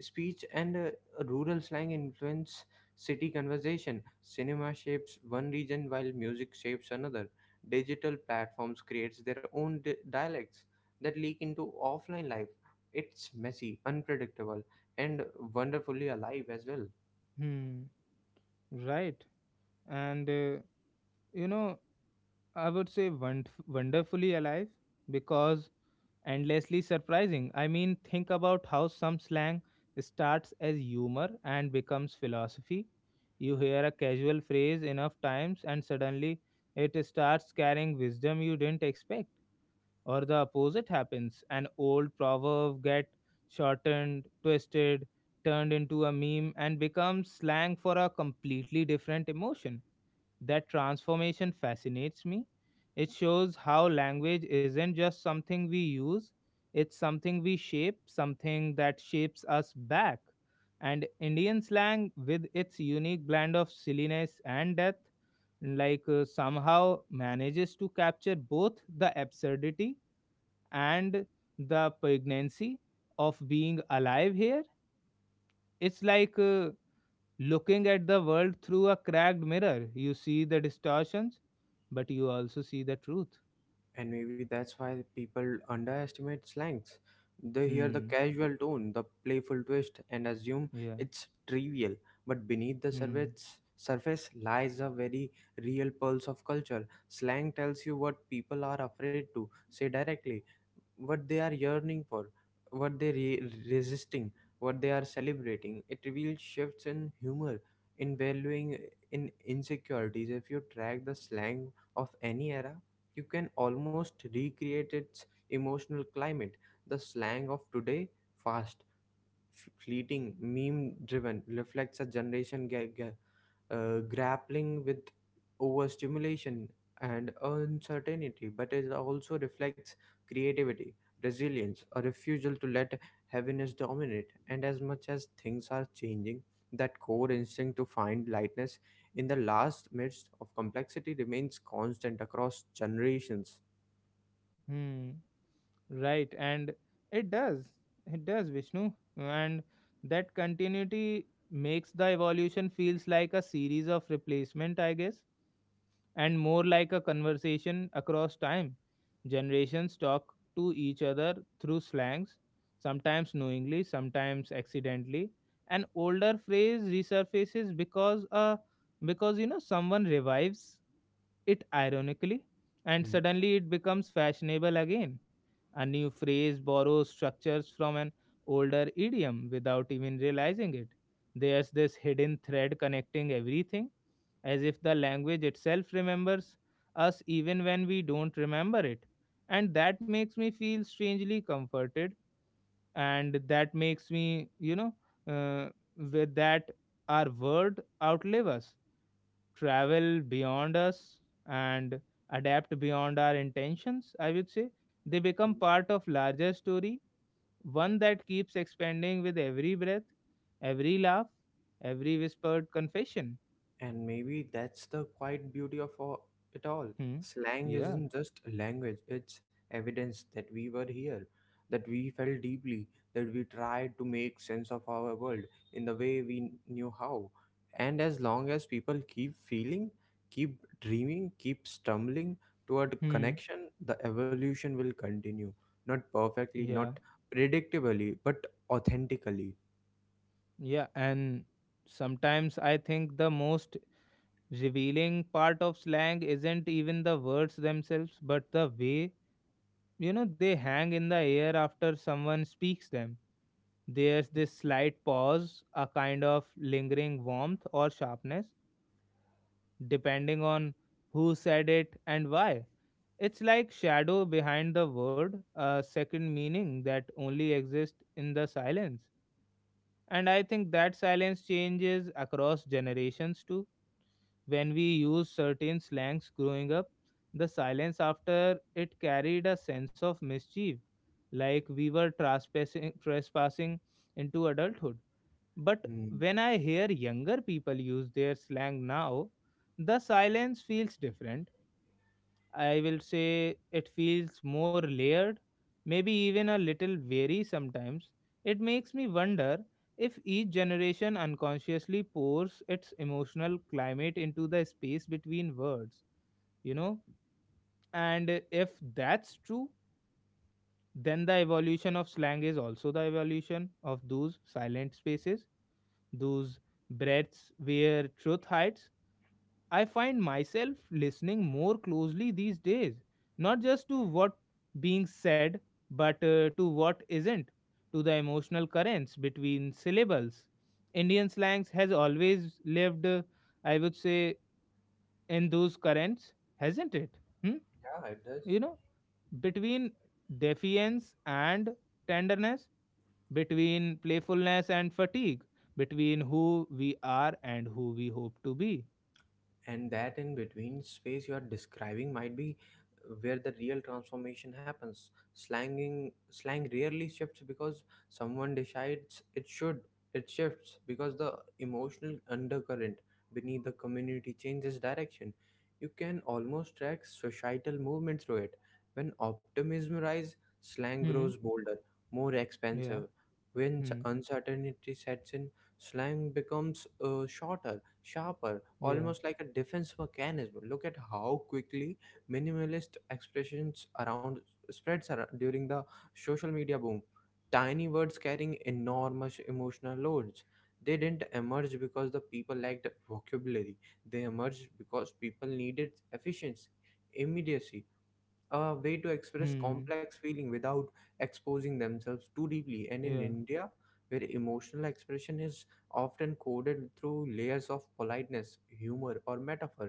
S2: speech, and rural slang influence city conversation. Cinema shapes one region while music shapes another. Digital platforms creates their own dialects that leak into offline life. It's messy, unpredictable, and wonderfully alive as well.
S1: Hmm. Right. And, you know, I would say wonderfully alive because endlessly surprising. I mean, think about how some slang starts as humor and becomes philosophy. You hear a casual phrase enough times, and suddenly it starts carrying wisdom you didn't expect, or the opposite happens. An old proverb get shortened, twisted, turned into a meme, and becomes slang for a completely different emotion. That transformation fascinates me. It shows how language isn't just something we use, it's something we shape, something that shapes us back. And Indian slang, with its unique blend of silliness and depth, like somehow manages to capture both the absurdity and the poignancy of being alive here. It's like looking at the world through a cracked mirror, you see the distortions, but you also see the truth.
S2: And maybe that's why people underestimate slangs. They hear the
S1: Hmm.
S2: casual tone, the playful twist, and assume
S1: Yeah.
S2: it's trivial. But beneath the
S1: Hmm.
S2: surface, surface lies a very real pulse of culture. Slang tells you what people are afraid to say directly, what they are yearning for, what they resisting, what they are celebrating. It reveals shifts in humor, in valuing, in insecurities. If you track the slang of any era, you can almost recreate its emotional climate. The slang of today, fast, fleeting, meme driven, reflects a generation gap grappling with overstimulation and uncertainty, but it also reflects creativity, resilience, a refusal to let heaviness dominate. And as much as things are changing, that core instinct to find lightness in the last midst of complexity remains constant across generations.
S1: Hmm. Right. And it does. It does, Vishnu. And that continuity makes the evolution feels like a series of replacement, I guess and more like a conversation across time. Generations talk to each other through slangs, sometimes knowingly, sometimes accidentally. An older phrase resurfaces because someone revives it ironically and suddenly it becomes fashionable again. A new phrase borrows structures from an older idiom without even realizing it. There's this hidden thread connecting everything as if the language itself remembers us even when we don't remember it. And that makes me feel strangely comforted, and that makes me, uh, with that our word outlive us, travel beyond us, and adapt beyond our intentions. I would say they become part of larger story, one that keeps expanding with every breath, every laugh, every whispered confession.
S2: And maybe that's the quiet beauty of it all.
S1: Hmm.
S2: Slang
S1: Yeah.
S2: isn't just a language, it's evidence that we were here, that we felt deeply, that we tried to make sense of our world in the way we knew how. And as long as people keep feeling, keep dreaming, keep stumbling toward
S1: Hmm.
S2: connection, the evolution will continue. Not perfectly,
S1: Yeah,
S2: not predictably, but authentically.
S1: yeah, and sometimes I think the most revealing part of slang isn't even the words themselves, but the way, they hang in the air after someone speaks them. There's this slight pause, a kind of lingering warmth or sharpness, depending on who said it and why. It's like shadow behind the word, a second meaning that only exists in the silence. And I think that silence changes across generations too. When we used certain slangs growing up, the silence after it carried a sense of mischief, like we were trespassing into adulthood. But
S2: Hmm.
S1: when I hear younger people use their slang now, the silence feels different I will say it feels more layered, maybe even a little wary sometimes. It makes me wonder if each generation unconsciously pours its emotional climate into the space between words, you know? And if that's true, then the evolution of slang is also the evolution of those silent spaces, those breaths where truth hides. I find myself listening more closely these days, not just to what being said, but to what isn't, to the emotional currents between syllables. Indian slangs has always lived, I would say, in those currents, hasn't it? Hmm?
S2: Yeah, it does.
S1: You know, between defiance and tenderness, between playfulness and fatigue, between who we are and who we hope to be.
S2: And that in between space you are describing might be where the real transformation happens. Slang rarely shifts because someone decides it should. It shifts because the emotional undercurrent beneath the community changes direction. You can almost track societal movement through it. When optimism rises, slang grows
S1: Hmm.
S2: bolder, more
S1: Yeah.
S2: expensive. When
S1: Hmm.
S2: uncertainty sets in, slang becomes shorter, sharper,
S1: Yeah.
S2: almost like a defense mechanism. Look at how quickly minimalist expressions around spreads during the social media boom. Tiny words carrying enormous emotional loads. They didn't emerge because the people lacked vocabulary. They emerged because people needed efficiency, immediacy, a way to express
S1: Hmm.
S2: complex feeling without exposing themselves too deeply, and in
S1: Yeah.
S2: India where emotional expression is often coded through layers of politeness, humor, or metaphor,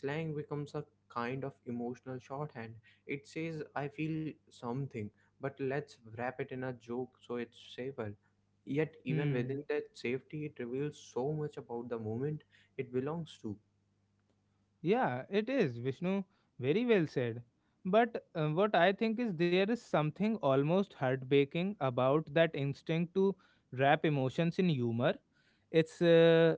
S2: slang becomes a kind of emotional shorthand. It says, I feel something, but let's wrap it in a joke so it's safer. Yet even within
S1: Hmm.
S2: that safety, it reveals so much about the moment it belongs to.
S1: Yeah, it is, Vishnu. Very well said. But what I think is there is something almost heartbreaking about that instinct to wrap emotions in humor. It's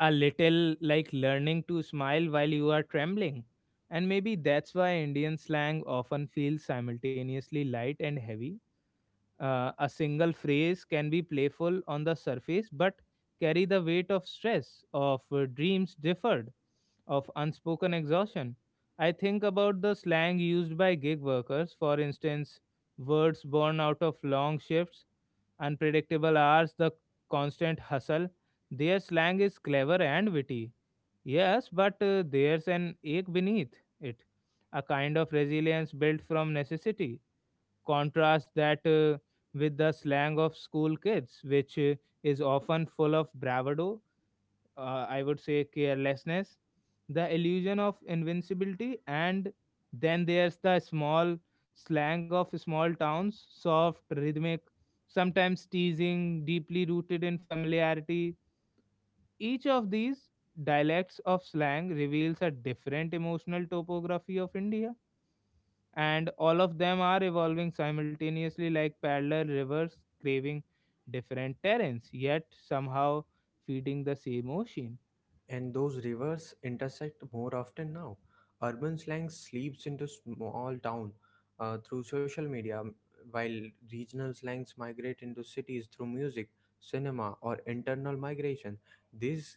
S1: a little like learning to smile while you are trembling. And maybe that's why Indian slang often feels simultaneously light and heavy. A single phrase can be playful on the surface, but carry the weight of stress, of dreams deferred, of unspoken exhaustion. I think about the slang used by gig workers, for instance, words born out of long shifts, unpredictable hours, the constant hustle. Their slang is clever and witty. Yes, but there's an ache beneath it, a kind of resilience built from necessity. Contrast that with the slang of school kids, which is often full of bravado, I would say carelessness, the illusion of invincibility, and then there's the small slang of small towns, soft, rhythmic, sometimes teasing, deeply rooted in familiarity. Each of these dialects of slang reveals a different emotional topography of India and all of them are evolving simultaneously like parallel rivers craving different terrains yet somehow feeding the same ocean.
S2: And those rivers intersect more often now. Urban slang sleeps into small town through social media, while regional slangs migrate into cities through music, cinema, or internal migration. This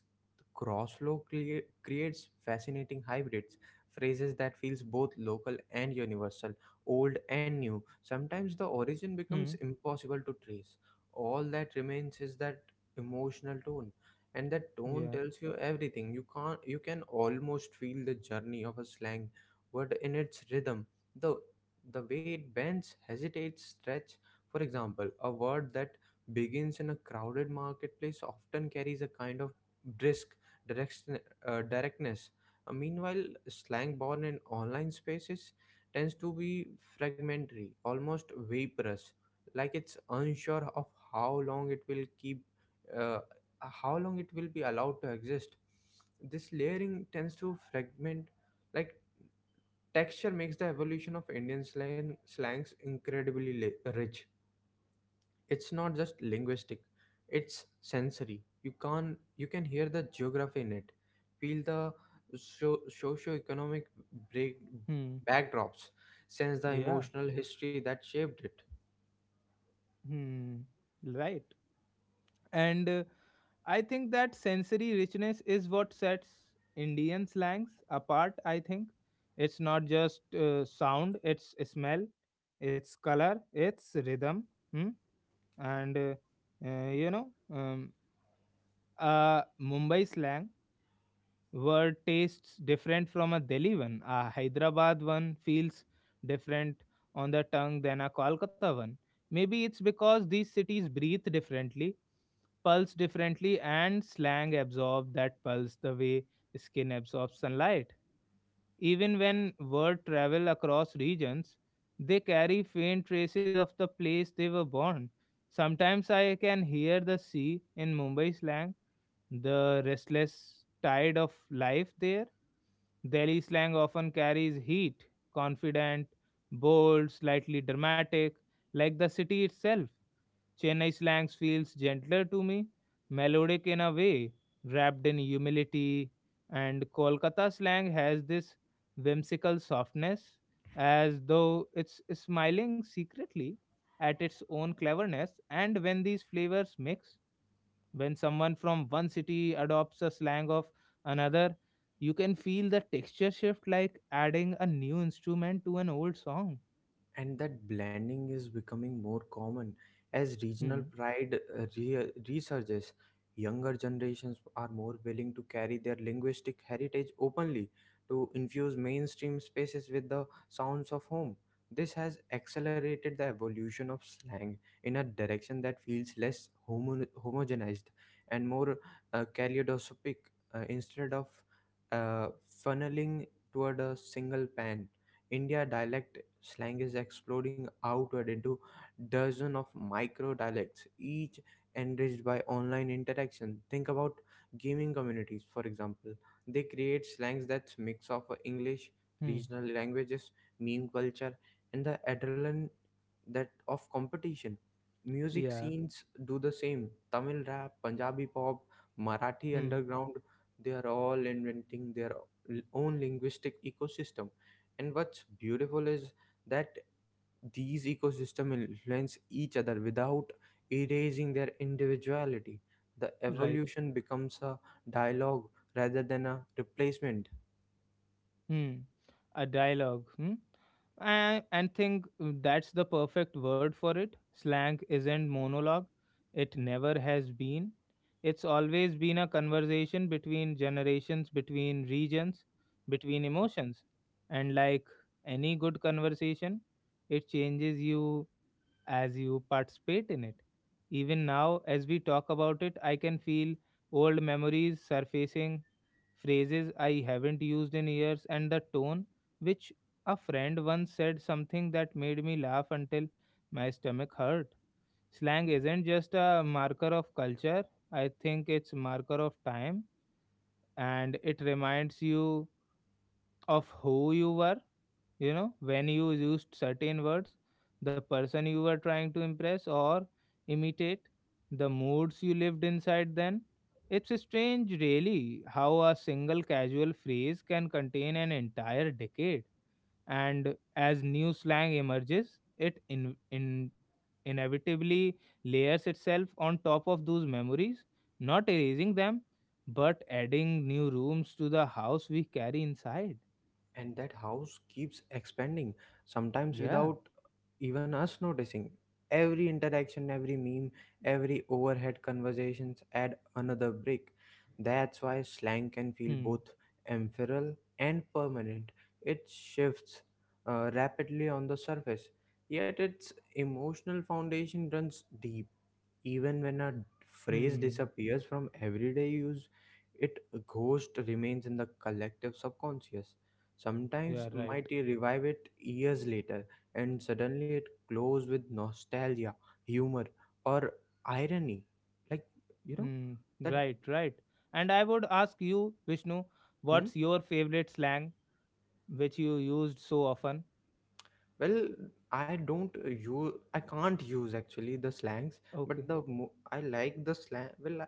S2: creates fascinating hybrids, phrases that feels both local and universal, old and new. Sometimes the origin becomes
S1: Hmm.
S2: impossible to trace. All that remains is that emotional tone, and that tone
S1: Yeah.
S2: tells you everything. You can't, you can almost feel the journey of a slang word in its rhythm, the the way it bends, hesitates, stretch. For example, a word that begins in a crowded marketplace often carries a kind of brisk direction, directness. Meanwhile slang born in online spaces tends to be fragmentary, almost vaporous, like it's unsure of how long it will keep, uh, how long it will be allowed to exist. This layering tends to fragment, like, texture makes the evolution of Indian slang slangs incredibly rich. It's not just linguistic, it's sensory. You can, you can hear the geography in it, feel the socio-economic break
S1: Hmm.
S2: backdrops, sense the
S1: Yeah.
S2: emotional history that shaped it.
S1: Hmm. Right. And I think that sensory richness is what sets Indian slangs apart I think. It's not just sound it's smell it's color it's rhythm. Hmm? And uh, you know um, a Mumbai slang word tastes different from a Delhi one. A Hyderabad one feels different on the tongue than a Kolkata one. Maybe it's because these cities breathe differently, pulse differently, and slang absorbs that pulse the way skin absorbs sunlight. Even when word travel across regions, they carry faint traces of the place they were born. Sometimes I can hear the sea in Mumbai slang the restless tide of life there. Delhi slang often carries heat, confident, bold, slightly dramatic, like the city itself. Chennai slang feels gentler to me, melodic in a way, wrapped in humility, and Kolkata slang has this whimsical softness, as though it's smiling secretly at its own cleverness, and when these flavors mix, when someone from one city adopts a slang of another, you can feel the texture shift like adding a new instrument to an old song.
S2: And that blending is becoming more common as regional
S1: Hmm.
S2: pride resurges. Younger generations are more willing to carry their linguistic heritage openly, to infuse mainstream spaces with the sounds of home. This has accelerated the evolution of slang in a direction that feels less homogenized and more kaleidoscopic, instead of uh, funneling toward a single pan India dialect. Slang is exploding outward into dozens of micro dialects, each enriched by online interaction. Think about gaming communities, for example. They create slangs that's mix of English,
S1: Hmm.
S2: regional languages, meme culture, and the adrenaline that of competition. Music
S1: Yeah.
S2: scenes do the same. Tamil rap, Punjabi pop, Marathi
S1: Hmm.
S2: underground, they are all inventing their own linguistic ecosystem, and what's beautiful is that these ecosystems influence each other without erasing their individuality. The
S1: Right.
S2: evolution becomes a dialogue rather than a replacement.
S1: Hmm. A dialogue. Hmm? And think that's the perfect word for it. Slang isn't monologue, it never has been. It's always been a conversation between generations, between regions, between emotions. And like any good conversation, it changes you as you participate in it. Even now, as we talk about it, I can feel old memories surfacing phrases I haven't used in years, and the tone which a friend once said something that made me laugh until my stomach hurt. Slang isn't just a marker of culture, I think it's marker of time and it reminds you of who you were when you used certain words the person you were trying to impress or imitate the moods you lived inside then it's strange really how a single casual phrase can contain an entire decade and as new slang emerges it in inevitably layers itself on top of those memories not erasing them but adding new rooms to the house we carry inside.
S2: And that house keeps expanding, sometimes
S1: Yeah.
S2: without even us noticing. Every interaction, every meme, every overhead conversations add another brick. That's why slang can feel
S1: Hmm.
S2: both ephemeral and permanent. It shifts rapidly on the surface, yet its emotional foundation runs deep. Even when a phrase
S1: Hmm.
S2: disappears from everyday use, it ghost remains in the collective subconscious. Sometimes
S1: Yeah, right.
S2: might you revive it years later, and suddenly it glows with nostalgia, humor, or irony, like, you know,
S1: Hmm.
S2: that.
S1: Right, right. And I would ask you, Vishnu,
S2: Hmm?
S1: what's your favorite slang which you used so often?
S2: Well, I can't use actually the slangs, but
S1: Okay,
S2: I like the slang. Well,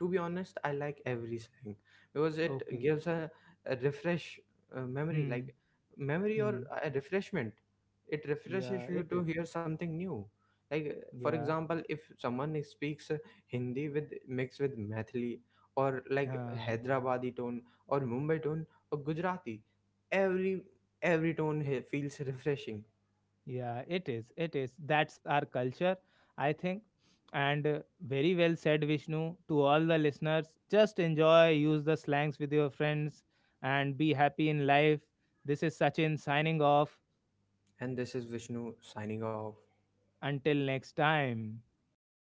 S2: to be honest, I like every slang because it
S1: okay.
S2: gives a refresh memory,
S1: Hmm,
S2: like memory or
S1: hmm.
S2: a refreshment. It
S1: Yeah,
S2: refreshes you
S1: it
S2: to
S1: is.
S2: hear something new. Like for
S1: Yeah,
S2: example, if someone speaks Hindi with mixed with Methali or like
S1: huh.
S2: Hyderabadi tone or Mumbai tone or Gujarati, every every tone feels refreshing.
S1: Yeah, it is. It is. That's our culture, I think. And very well said, Vishnu. To all the listeners, just enjoy, use the slangs with your friends, and be happy in life. This is Sachin signing off.
S2: And this is Vishnu signing off.
S1: Until next time.
S2: Bye bye.